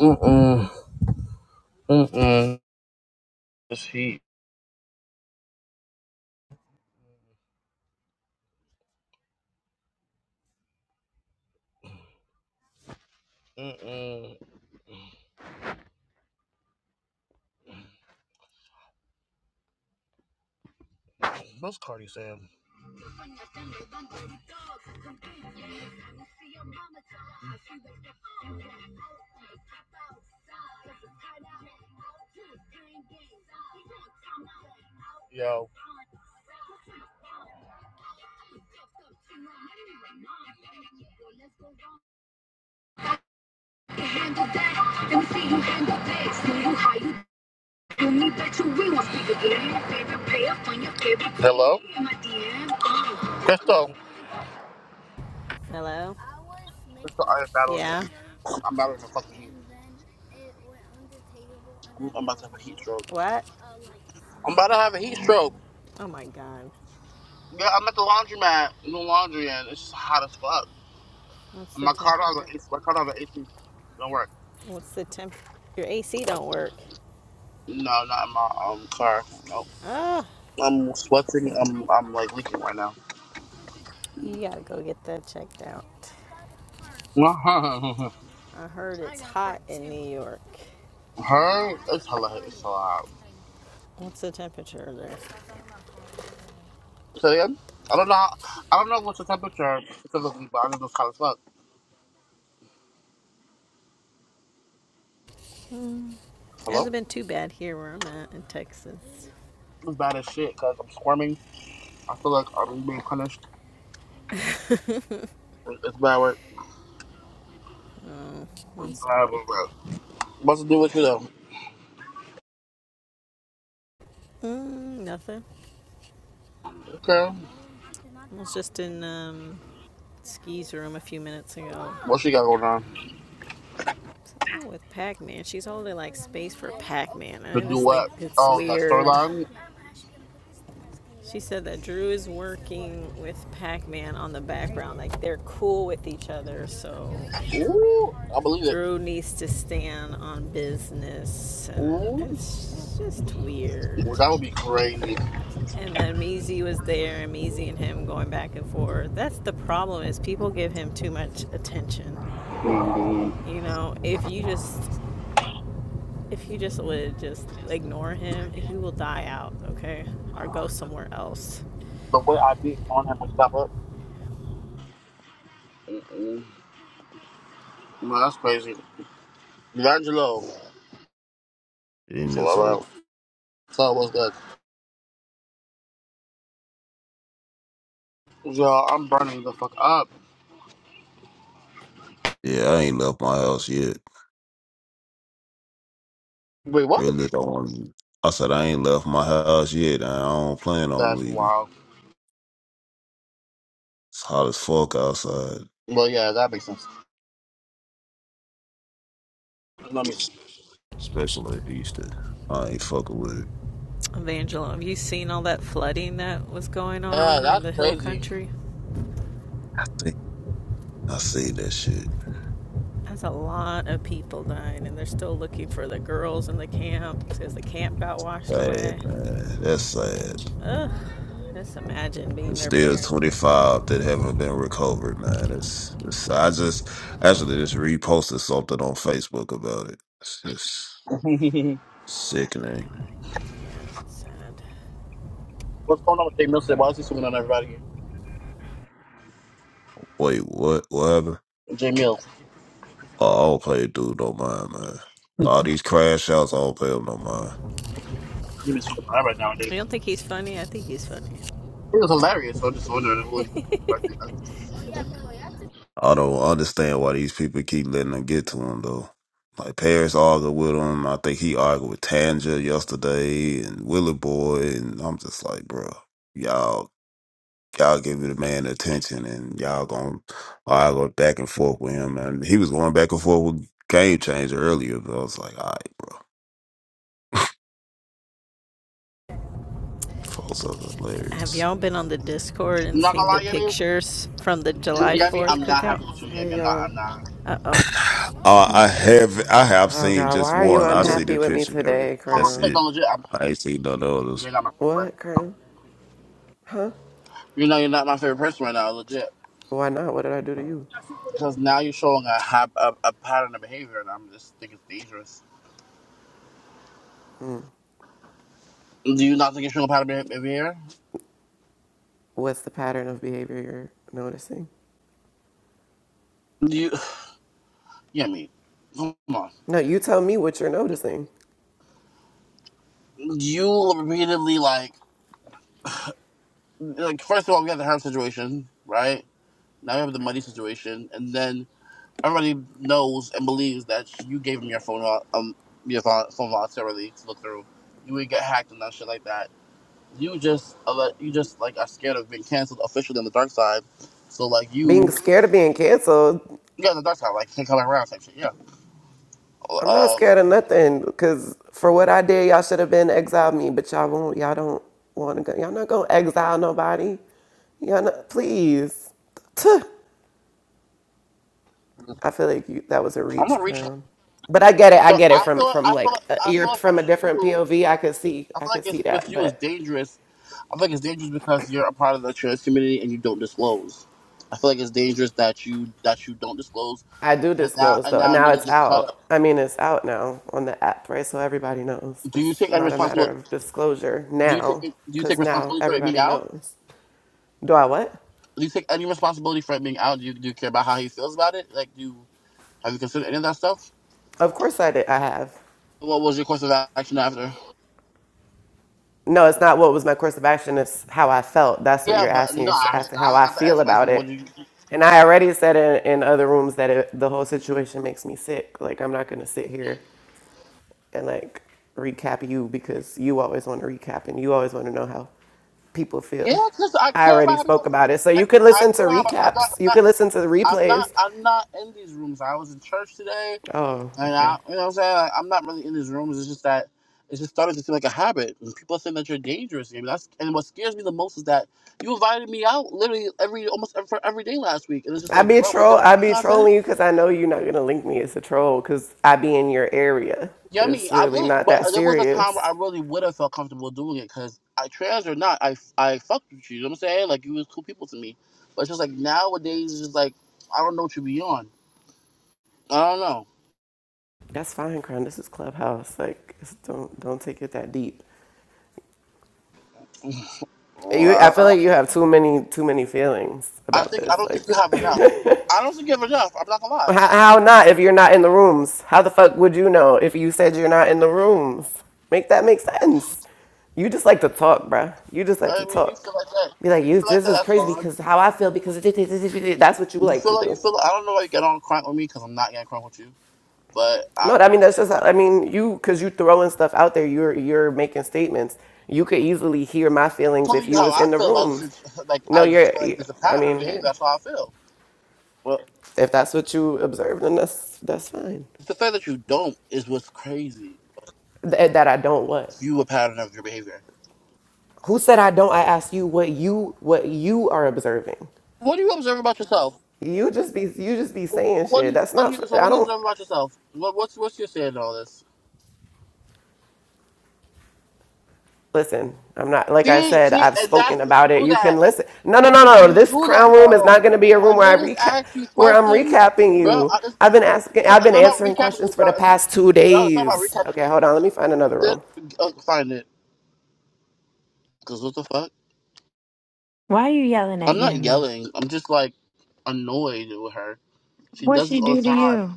Mm-mm. Mm-mm. This heat. Mm-mm. What's Cardi saying? Yo. handle that. Let see you handle that. See you how you do me. Bet you we will speak again. Your favorite player from your favorite Hello? In my Oh. Crystal. Hello? Crystal, I am battling the Yeah. heat. I'm battling the fucking heat. I'm about to have a heat stroke. What? I'm about to have a heat stroke. Oh my god. Yeah, I'm at the laundromat doing laundry and it's just hot as fuck. What's And the my temp? car don't have an AC. My car don't have an AC. Don't work. What's the temp? Your AC don't work. No, not in my um car. Nope. Ah, oh, I'm sweating. I'm I'm like leaking right now. you gotta go get that checked out. I heard it's I hot in New York. Her, it's hilarious. It's hot. What's the temperature there? So yeah, I don't know. How, I don't know what's the temperature specifically, but I know it's hot as fuck. It Hasn't Hello, been too bad here where I'm at in Texas. it's bad as shit because I'm squirming. I feel like I'm being punished. It's bad work. It's I'm bad sorry. work. What's to do with you though? Mm, nothing. Okay, I was just in um, Ski's room a few minutes ago. what she got going on? Something with Pac Man. She's holding like space for Pac Man. To I do just think what? it's Oh, that weird. storyline. She said that Drew is working with Pac Man on the background. Like they're cool with each other, so Ooh, I believe it. Drew needs to stand on business, and Ooh, it's just weird. that would be crazy. And then Measy was there, and Measy and him going back and forth. That's the problem is people give him too much attention. Mhm. You know, if you just If you just would just ignore him, he will die out, okay? Or go somewhere else. The way I beat on him was that up. No, that's crazy. D'Angelo. in So, this all right. hole. So, what's good? Yo, I'm burning the fuck up. Yeah, I ain't left my house yet. Wait, what? Really don't want to. I said I ain't left my house yet. I don't plan on That's leaving. wild. It's hot as fuck outside, Well, yeah, that makes sense. Let me. especially at Easter. I ain't fucking with it. Evangeline, have you seen all that flooding that was going Yeah, on in that's the hill crazy. country? Damn, I see that shit. That's a lot of people dying, and they're still looking for the girls in the camp because the camp got washed Sad, away. man. That's sad. Ugh, just imagine being There's their still parent. 25 that haven't been recovered, man. It's, it's I just actually just reposted something on Facebook about it. It's just sickening. Yeah, sad. What's going on with Jay Mills today? Why is he swinging on everybody? Wait, what? What happened? Jay Mills. I don't play dude no mind, man. All these crash outs, I don't play with no mind. He been swinging on everybody nowadays. I don't think he's funny. I think he's funny. It was hilarious. So I'm just wondering who he I don't understand why these people keep letting them get to him though. Like Paris argued with him. I think he argued with Tanja yesterday and Willie Boy, and I'm just like, bro, y'all, y'all give the man attention, and y'all gonna argue back and forth with him. And he was going back and forth with Game Changer earlier, but I was like, all right, bro, folks are Have hilarious. y'all been on the Discord I'm and not gonna seen the lie, Yemi. pictures from the Yemi, July Yemi, 4th I'm not cookout? happy with you, Yemi. Hey I'm not. y'all. I'm not. Uh oh. Uh, I have I have Oh seen God, why just are you one. I see unhappy the with me picture. Eric. today, That's Krim? No, it. legit. No, legit I'm, I ain't seen none others. you're not my favorite What, person. Krim? You know, you're not my favorite person right now, legit. Why not? What did I do to you? Because now you're showing a, hab- a a pattern of behavior, and I'm just think it's dangerous. Do you not think you're showing a pattern of behavior? What's the pattern of behavior you're noticing? Do you? Yeah, I mean, come on. No, you tell me what you're noticing. You repeatedly like like first of all, we have the Harem situation, right? Now we have the money situation, and then everybody knows and believes that you gave him your phone, vol- um, your vol- phone voluntarily to look through. You would get hacked and that shit like that. You just, uh, you just like are scared of being canceled officially on the dark side. So like you Being scared of being canceled, Yeah, the dark side, like him coming around type shit. Yeah. I'm not Um, scared of nothing. Cause for what I did, y'all should have been exiled me, but y'all won't. Y'all don't want to go. Y'all not gonna exile nobody. Y'all not. Please. Tuh. I feel like you, that was a I'm reach, gonna reach. Crown. But I get it. I No, get it I from feel. like from I feel. like like, uh, I you're feel like from a with different you, POV. I could see. I I feel like could see it's with that. you is But dangerous. I feel like it's dangerous because you're a part of the trans community and you don't disclose. I feel like it's dangerous that you that you don't disclose, I do and now disclose and though. now Now niggas it's get caught out. up. I mean, it's out now on the app, right? So everybody knows. Do you It's take any not a matter responsibility? of disclosure Do you take now, do you because take now responsibility for it being everybody out? knows. Do I what? Do you take any responsibility for it being out? Do you do you care about how he feels about it? Like, do you, have you considered any of that stuff? Of course I did. I have. What was your course of action after? No, it's not what was my course of action. It's how I felt. That's what Yeah, you're but asking. no, You're I, asking how I I got to feel ask him. I said, about "What it. do you?" And I already said in, in other rooms that it, the whole situation makes me sick. Like, I'm not going to sit here and like recap you because you always want to recap and you always want to know how people feel. Yeah, because I I care about already how people. spoke about it. So I, you can I listen to care about. I don't, recaps, I'm you not. can listen to the I'm not. replays. I'm not in these rooms. I was in church today, Oh, and I, okay. you know, what I'm saying like, I'm not really in these rooms. It's just that it's just started to seem like a habit. And people think that you're dangerous. I mean, that's and what scares me the most is that you invited me out literally every almost every, for every day last week, and it's just I like, be a bro, were you troll. gonna I make me be content? trolling you because I know you're not gonna link me as a troll because I be in your area. Yeah, I mean, It's I really really, not but that there was a time where serious. I really would have felt comfortable doing it because I trans or not, I I fucked with you. You know what I'm saying? Like you was cool people to me, but it's just like nowadays, it's just like I don't know what you be on. I don't know. That's fine, Crown. This is Clubhouse. Like, don't don't take it that deep. You, I I, feel like you have too many too many feelings I, I about think this. I don't think you Like, have enough. I don't think you have enough. I'm not gonna lie. how, how not if you're not in the rooms? How the fuck would you know if you said you're not in the rooms? Make that make sense. You just like to talk, bruh. You just like to I mean, you talk. feel like that. Be like, You you, feel like this that. is That's crazy fine. because how I feel because it, it, it, it, it, that's what you You like to feel like you do. feel. like, I don't know why you get on crank with me because I'm not getting crank with you. But No, I'm I mean that's just I mean you because you throwing stuff out there. You're you're making statements. You could easily hear my feelings telling if you you how was I in the feel about rooms. this. Like No, I just you're. feel like you- there's a I pattern of mean, behavior. hey, That's how I feel. if that's what you observed, then that's that's fine. The fact that you don't is what's crazy. Th- eh, that I don't what? You a pattern of your behavior. Who said I don't? I asked you what you what you are observing. What do you observe about yourself? You just be you just be So saying What do shit. you, That's what do not. you, so what I do you don't. observe about yourself? What, what's what's your say in all this? listen, I'm not, like I See, said, see, I've and spoken that's you about it. do You can that. listen. No, no, You no, do no, no. you This do that crown room is not though. going to be a room When where I niggas recap, ask you where I'm questions, recapping bro, I, you. it's, I've it's been asking, not I've it's been not about answering recapping me, questions for bro. the It's, past two bro, it's not about days. recapping. Me. Okay, hold on. Let me find another The, room. uh, find it, cause what the fuck? Why are you yelling at I'm not Yummy? yelling. I'm just like annoyed with her. She What does this she all do the to time. you?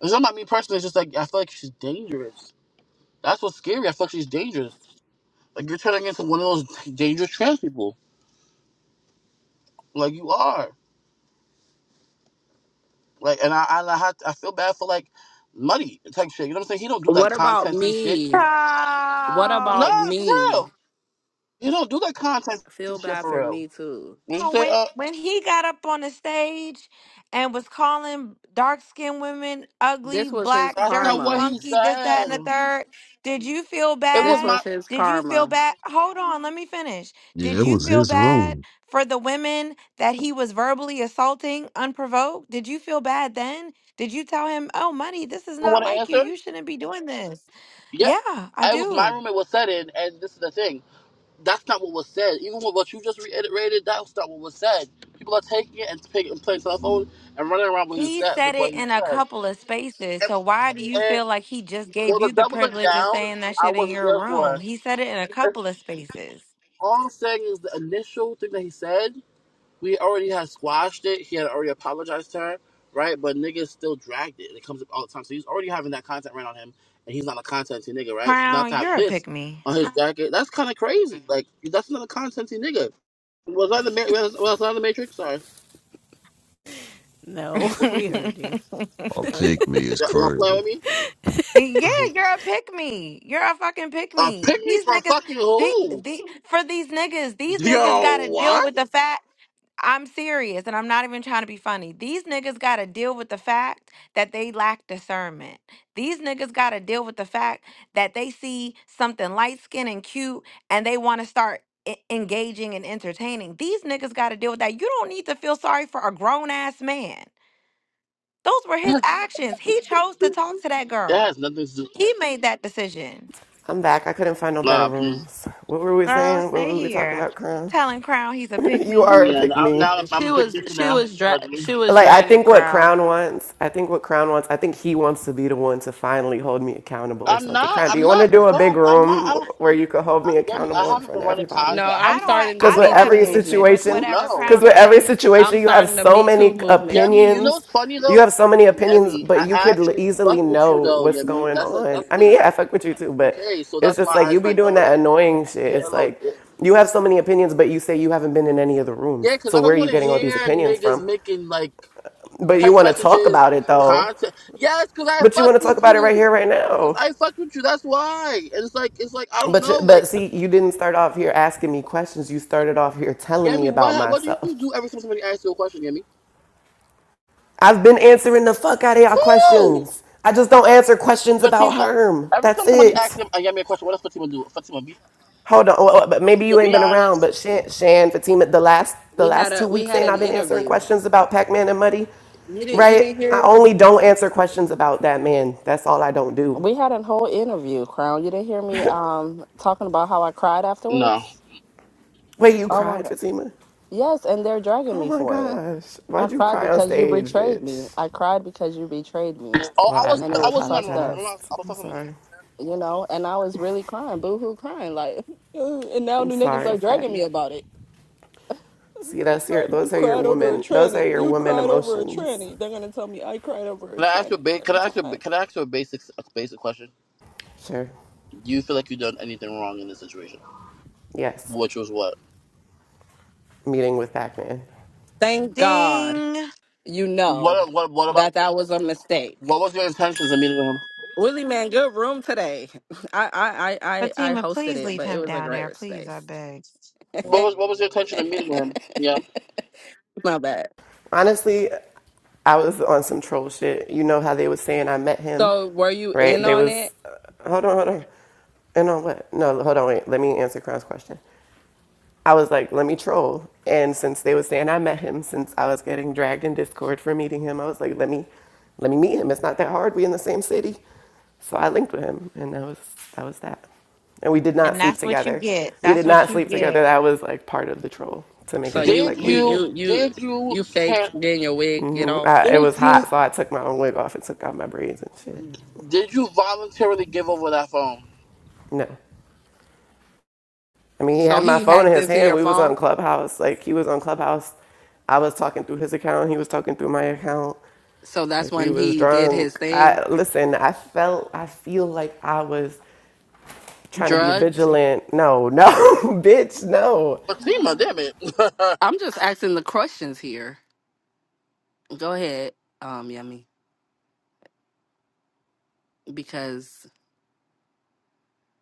It's not about me personally. It's just like I feel like she's dangerous. That's what's scary. I feel like she's dangerous. Like you're turning into one of those dangerous trans people. Like you are. Like and I and I had I feel bad for like Muddy type shit. You know what I'm saying? He don't do that What about content he shit. me? What So about Nah, for me? real. He don't do that content I feel shit bad for for real. me too. You say when uh, when he got up on the stage and was calling dark skinned women ugly, This was his black, that's not dirty karma. what he monkey, this, that, and said. the third, did you feel It was This bad? my. was his Did you feel karma. bad? Hold on, let me finish. Yeah, Did it you was feel his bad room. for the women that he was verbally assaulting unprovoked? Did you feel bad then? Did you tell him, oh, money, this is You not want to like you. answer? You shouldn't be doing this? Yeah. Yeah, I It was my do. roommate was said it, and this is the thing. that's not what was said. Even with what you just reiterated, that's not what was said. People are taking it and taking and playing cell phone and running around what he He said said with what it he in a said. couple of spaces. And, So why do you and feel like he just well, gave the you the doubling privilege of down, saying that I shit in wasn't your there room? for. He said it in a And couple of spaces. all I'm saying is the initial thing that he said. we already had squashed it. He had already apologized to her, right? But niggas still dragged it. It comes up all the time. So he's already having that content ran on him, and he's not a contenty nigga, right? So not Crown, to have you're a this pick me. on his jacket, that's kind of crazy. Like that's not a contenty nigga. Was I the Ma- was, was I the Matrix? Sorry. yeah, No, we Y'all, heard you. A pygmy is y'all playing crazy. with me? you're a pick me. You're a fucking pick Uh, me. pick me These for niggas, fucking the, who? the, for these niggas, these niggas gotta Yo, deal what? with the fact. I'm serious and I'm not even trying to be funny. These niggas got to deal with the fact that they lack discernment. These niggas got to deal with the fact that they see something light skinned and cute and they want to start e- engaging and entertaining. These niggas got to deal with that. You don't need to feel sorry for a grown ass man. Those were his actions. He chose to talk to that That girl, has nothing to do. he made that decision. I'm back. I couldn't find no better Nah, mm, rooms. What were we Girl, saying? What stay were we talking here. about, Crown? Telling Crown he's a pick you me. are a yeah, pick i me. now I'm, I'm She a pick was you for she now. was dra- Allegedly. she was Like, I dragging think what crown. Crown wants, I think what Crown wants, I think he wants to be the one to finally hold me accountable or I'm something. not. Crown, do you I'm want to not. do a No, big I'm not room i do not. where you could hold I, me Yemi, I accountable in haven't front been of running everybody? No, content. I I'm I haven't. don't have starting the Because I with Me don't have Too an every issue movement. with situation, No. whatever I because Crown with is don't- every saying I'm situation, you have starting the so Me Too many movement. Yemi, you know opinions. what's funny You though? have so many opinions, Yemi, but you I could l- actually easily fuck with you know though, what's Yemi. going That's a, on. that's the I thing. I mean, yeah, I fuck actually with you fuck. too, but Okay, so it's that's just why like I you was be like a doing that little, annoying a shit. It's little. like Yeah, you have so many opinions, but you say you haven't been in any of the rooms. because So I where don't are you want to getting all these hear opinions niggas from? making like But you text want to talk messages, about it though. content. Yes, because I But you want fucked to talk with about it right you. here, right Because now. I fucked with you. That's why. And it's like, it's like I don't But you- know. but Like, see, you didn't start off here asking me questions. You started off here telling me Yemi, about what what do you myself. do every time somebody asks you a question, Yemi? I've been answering the fuck out of y'all questions. I just don't answer questions about Fatima, Herm. every That's time somebody it. asks him and me a question, what does Fatima do? Fatima, be Hold on. Oh, oh, But maybe you Fatima, ain't be been around. honest. But Shan, Shan Fatima, the last the We had last two a we weeks had ain't an I been answering interview. questions about Pac Man and Muddy, You didn't you right? didn't I hear only don't answer questions about that man. That's all I don't do. we had a whole interview, Crown. You didn't hear me um talking about how I cried No. afterwards? Wait, you Oh my cried, god. Fatima? Yes, and they're dragging Oh me my for it. gosh, I why'd you cried cry on because you stage, betrayed me. bitch? I cried because you betrayed me, Oh, Well, I was and I, it I not I was was not in that fucked room. up, Remember, I was apologized. I was I'm talking to shit. sorry. you know. And I was really crying, boo hoo, crying like. And now I'm the niggas sorry, like dragging fatty. me about it. See, that's your You those are your cried over a woman those are tranny. your You woman cried over a emotions. tranny. They're gonna tell me I cried over a Can I ask tranny you a ba- can every I ask you a, time. can I ask you a basic a basic question? Sure. Do you feel like you've done anything wrong in this situation? Yes. Which was what? Meeting with Pac-Man. Thank God, Ding. you know What what what about that that was a mistake. what was your intentions of meeting him? Willie man, good room today. I I I I I Fatima, hosted please it, leave but it him was a down there. great Please, space. I beg. What was what was your intention of meeting him? Yeah. My bad. Honestly, I was on some troll shit. You know how they was saying I met him, So were you right? in They on was it? uh, hold on, hold on. And on what? No, hold on, wait. Let me answer Crown's question. I was like, let me troll. And since they were saying I met him, since I was getting dragged in Discord for meeting him, I was like, let me, let me meet him. It's not that hard. We in the same city. So I linked with him, and that was that was that. And we did not And sleep that's what you together. get. We That's did what not you sleep together. get. That was like part of the troll to make So it look you Did like we you did. you you you did you you faked can getting your wig get hmm I, off. it did was you hot, so I took my own wig off and took out my braids and shit. did you voluntarily give over that phone? No, I mean he So had my he phone in hacked his into hand. your We was phone. on Clubhouse. Like he was on Clubhouse. I was talking through his account. He was talking through my account. So that's Like we when was he did his drunk. thing. I listen, I felt I feel like I was trying to be Drugged. vigilant. No, no, bitch, no. Fatima, damn it. I'm just asking the questions here. Go ahead, um, yummy, because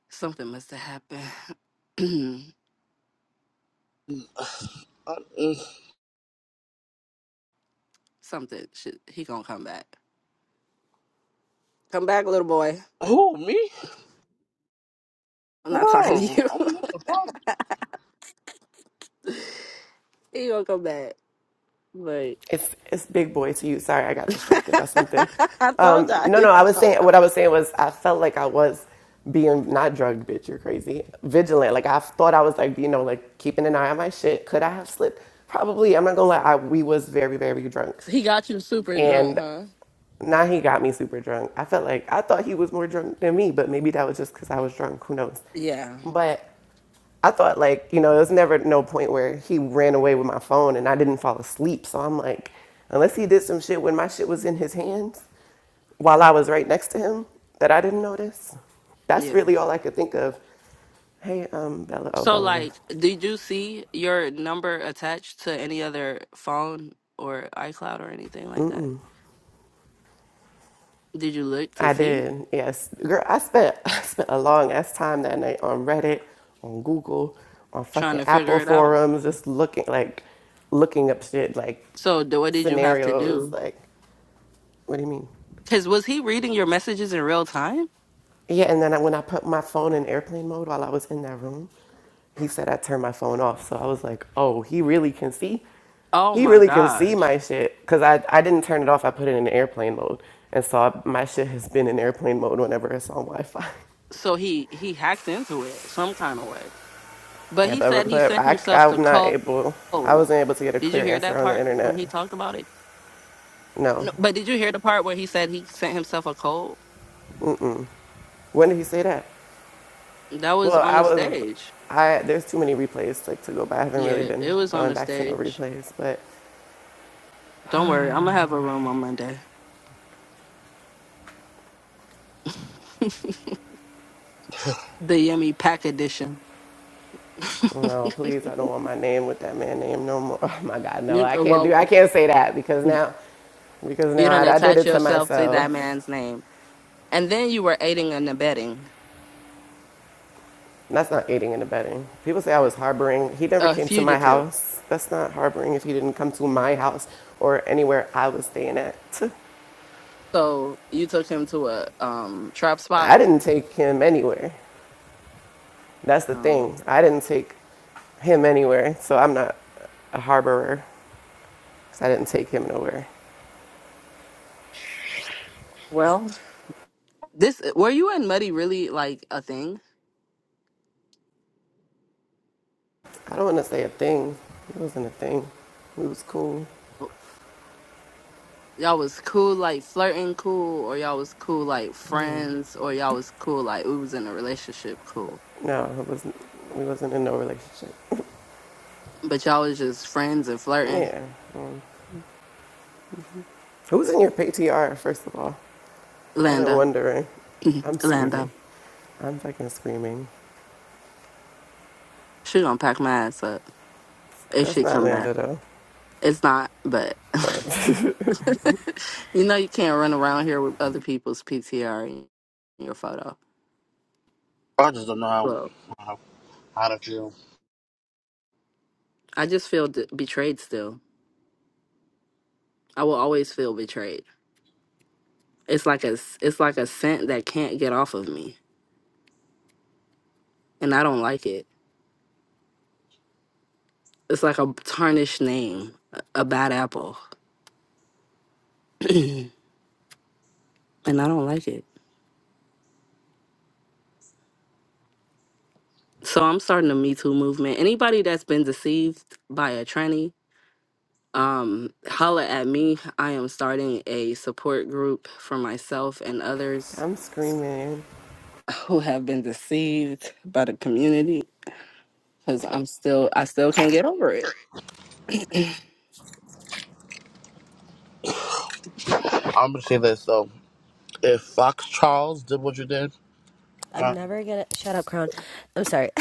something must have happened. something. Should, he gonna come back. Come back, little boy. Who me? I'm not talking to Whoa, you. I'm what the fuck? he gonna come back, but. It's it's big boy to you. Sorry, I got distracted by something. I told Um, y'all no, he no, I was was gonna saying come. what I was saying was I felt like I was being not drugged, bitch, you're crazy. Vigilant. Like I thought I was like, you know, like keeping an eye on my shit. Could I have slipped? Probably. I'm not gonna lie, I, we was very, very drunk. He got you super drunk, And huh? Now he got me super drunk. I felt like I thought he was more drunk than me, but maybe that was just because I was drunk. Who knows? Yeah, But I thought like you know there's never no point where he ran away with my phone and I didn't fall asleep. So I'm like, unless he did some shit when my shit was in his hands while I was right next to him that I didn't notice. That's yeah. really all I could think of. Hey, um, Bella. Oh, So, Bella left. like, did you see your number attached to any other phone or iCloud or anything like that? Did you look to I see, did, yes. Girl, I spent I spent a long ass time that night on Reddit, on Google, on trying fucking to Apple figure it out? forums, just looking like looking up shit like So, d- what did you have to scenarios. do? Like, what do you mean? Because was he reading your messages in real time? Yeah, and then I, when I put my phone in airplane mode while I was in that room, he said I turned my phone off. So I was like, oh, he really can see. Oh He my really can see gosh! my shit because I, I didn't turn it off. I put it in airplane mode. And so I, my shit has been in airplane mode whenever it's on Wi Fi. So he he hacked into it some kind of way. But Yeah, he said but he but sent I himself the I'm not code. able. I wasn't able to get a Did you clear hear answer that on the part when internet. he talked about it? No. No, but did you hear the part where he said he sent himself a code? When did he say that? That was Well, on I the was. stage. I there's too many replays like to go by. I haven't really Yeah, been it was on going the back to no stage. replays, but. Don't worry, I'm gonna have a room on Monday. the yummy pack edition. you know, please, I don't want my name with that man name no more. Oh my God, no, you, I can't do, well, I can't say that because now, because now you I, don't I did attach it to yourself to that myself. man's name, and then you were aiding and abetting And That's not aiding and abetting. People say I was harboring. He never a came to my fugitive. house. That's not harboring if he didn't come to my house or anywhere I was staying at. So you took him to a um trap spot. I didn't take him anywhere. That's the Oh, thing. I didn't take him anywhere, so I'm not a harborer because I didn't take him nowhere. well, this were you and Muddy really like a thing? I don't want to say a thing. It wasn't a thing. We was cool. Oh, Y'all was cool like flirting cool, or y'all was cool like friends, or y'all was cool like we was in a relationship cool. No, it wasn't. We wasn't in no relationship. But y'all was just friends and flirting. Yeah. Mm. Who's in your PTR? First of all, I've been Landa, wondering. I'm screaming. Landa, I'm fucking screaming. she gonna pack my ass up if That's she not come back. Lando though. It's not, but you know you can't run around here with other people's PTR in your photo. I just don't know how, Well, how, how to feel. I just feel d- betrayed still. I will always feel betrayed. It's like a s- it's like a scent that can't get off of me, and I don't like it. It's like a tarnished name, a a bad apple, and I don't like it. So I'm starting the Me Too movement. Anybody that's been deceived by a tranny, um, holla at me. I am starting a support group for myself and others I'm screaming. who have been deceived by the community because I'm still I still can't get over it. I'm gonna say this though: if Fox Charles did what you did, I'm uh, never gonna shut up, Crown. I'm sorry.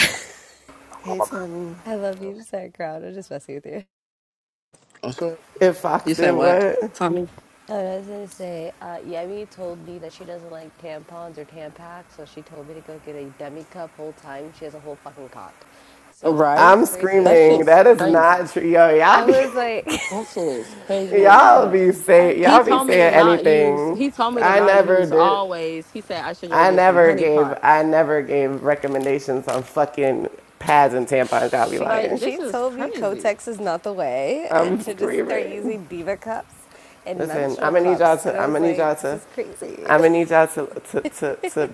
Hey Tommy. I love you, sorry, Crown. I'm just messing with you. I'm sorry. If Fox you did said what, what? Tommy? Oh, I was gonna say, uh, Yemi told me that she doesn't like tampons or Tampax, so she told me to go get a demi cup. Whole time she has a whole fucking cock, so Right? that's I'm crazy. That screaming. shit's That is crazy. not true. Yo, y'all I be was like, That shit is crazy I as was y'all like, fuck. be I, say He y'all be told me to saying not use. anything. He told me to I not never use did. always. He said I should go I get some never honey gave I pots. never gave recommendations on fucking pads and tampons. Y'all be she Like lying. this she is told me crazy. Kotex is not the way, and I'm to just start screaming. using diva cups and Listen, I'm menstrual gonna need y'all cups, and to. I I'm was gonna need y'all like, this to. is crazy. I'm gonna need y'all to to to, to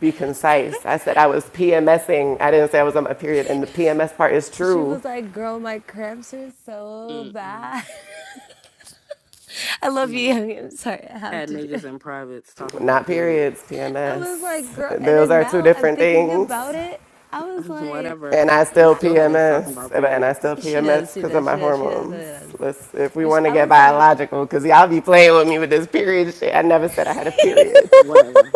be concise. I said I was PMSing. I didn't say I was on my period, and the PMS part is She true, was like, "Girl, my cramps are so Mm-mm. bad." I love you, No. Young. I'm sorry, I have Had to do niggas it. in privates talking about not periods. periods. I was PMS. like, "Girl," and Those then are two now I'm different thinking things. about it. I was like, Whatever. And I still I, Still had us talking PMS, about and I still periods. "She does, PMS she because of does, my she does, she does, she hormones. does." Let's, if we Which want to I get was like, biological, because y'all be playing with me with this period shit. I never said I had a period. Whatever.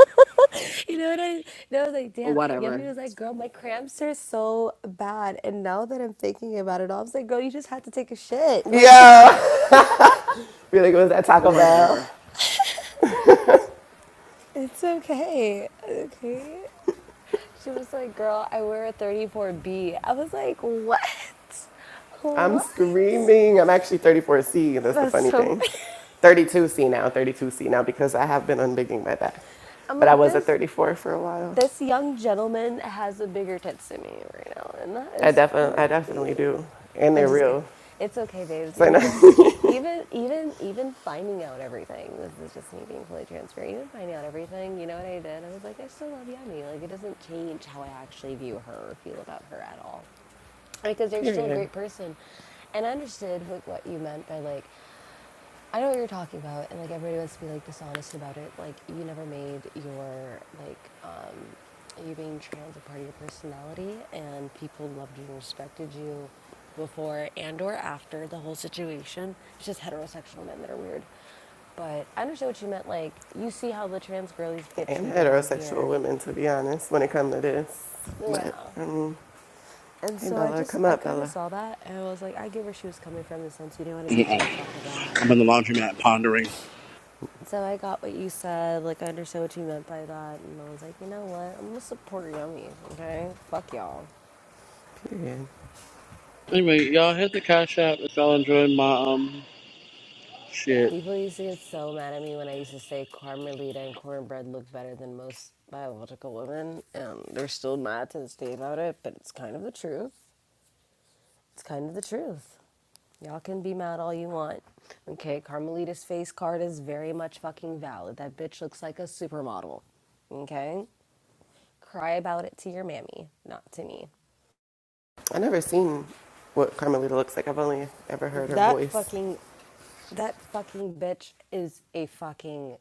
you know what I? And I was like, "Damn." Yummy Whatever. was like, "Girl, my cramps are so bad," and now that I'm thinking about it all, I was like, "Girl, you just had to take a shit. Like, Yeah. really? was that Taco Whatever. Bell? it's okay, okay." She was like, Girl, I wear a 34B. I was like, What? I'm What? screaming. I'm actually 34C. That's the That's funny so thing. funny. 32C now, 32C now, because I have been unbigging my back. I'm But I like, was at this 34 for a while. this young gentleman has a bigger tits than me right now, and that I is definitely, I definitely crazy. do. And I'm they're just kidding. real. It's okay, babes. You So, know what? no. Even even even finding out everything, this is just me being fully transparent. Even finding out everything, you know what I did? I was like, I still love Yummy. Like it doesn't change how I actually view her or feel about her at all. because you're still a period. great person. And I understood what, what you meant by like, I know what you're talking about, and like everybody wants to be like dishonest about it. Like you never made your like um, you being trans a part of your personality, and people loved you and respected you before and or after the whole situation. It's just heterosexual men that are weird. But I understand what you meant. Like you see how the trans girlies get and treated on heterosexual here. women, to be honest, when it comes to this. But Yeah. um, And hey, so I Bella, just come I up, kind of Bella. saw that and I was like, I get where she was coming from in the sense you didn't want to be Mm-mm. judged off of that. I'm in the laundromat pondering. So I got what you said, like I understood what you meant by that, and I was like, you know what? I'm gonna support Yummy, okay? Fuck y'all. Period. Anyway, y'all hit the cash app if y'all enjoyed my um shit. People used to get so mad at me when I used to say Carmelita and cornbread look better than most biological women, and they're still mad to this day about it, but it's kind of the truth. It's kind of the truth. Y'all can be mad all you want. Okay, Carmelita's face card is very much fucking valid. That bitch looks like a supermodel. Okay? Cry about it to your mammy, not to me. I never seen what Carmelita looks like. I've only ever heard her That voice. fucking that fucking bitch is a fucking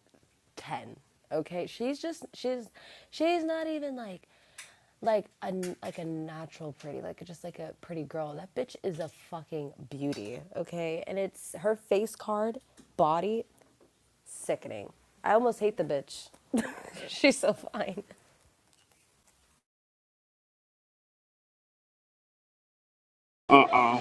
10. Okay? She's just she's she's not even like like a n- like a natural pretty, like just like a pretty girl. That bitch is a fucking beauty, okay? And it's her face card, body sickening. I almost hate the bitch. She's so fine. Uh uh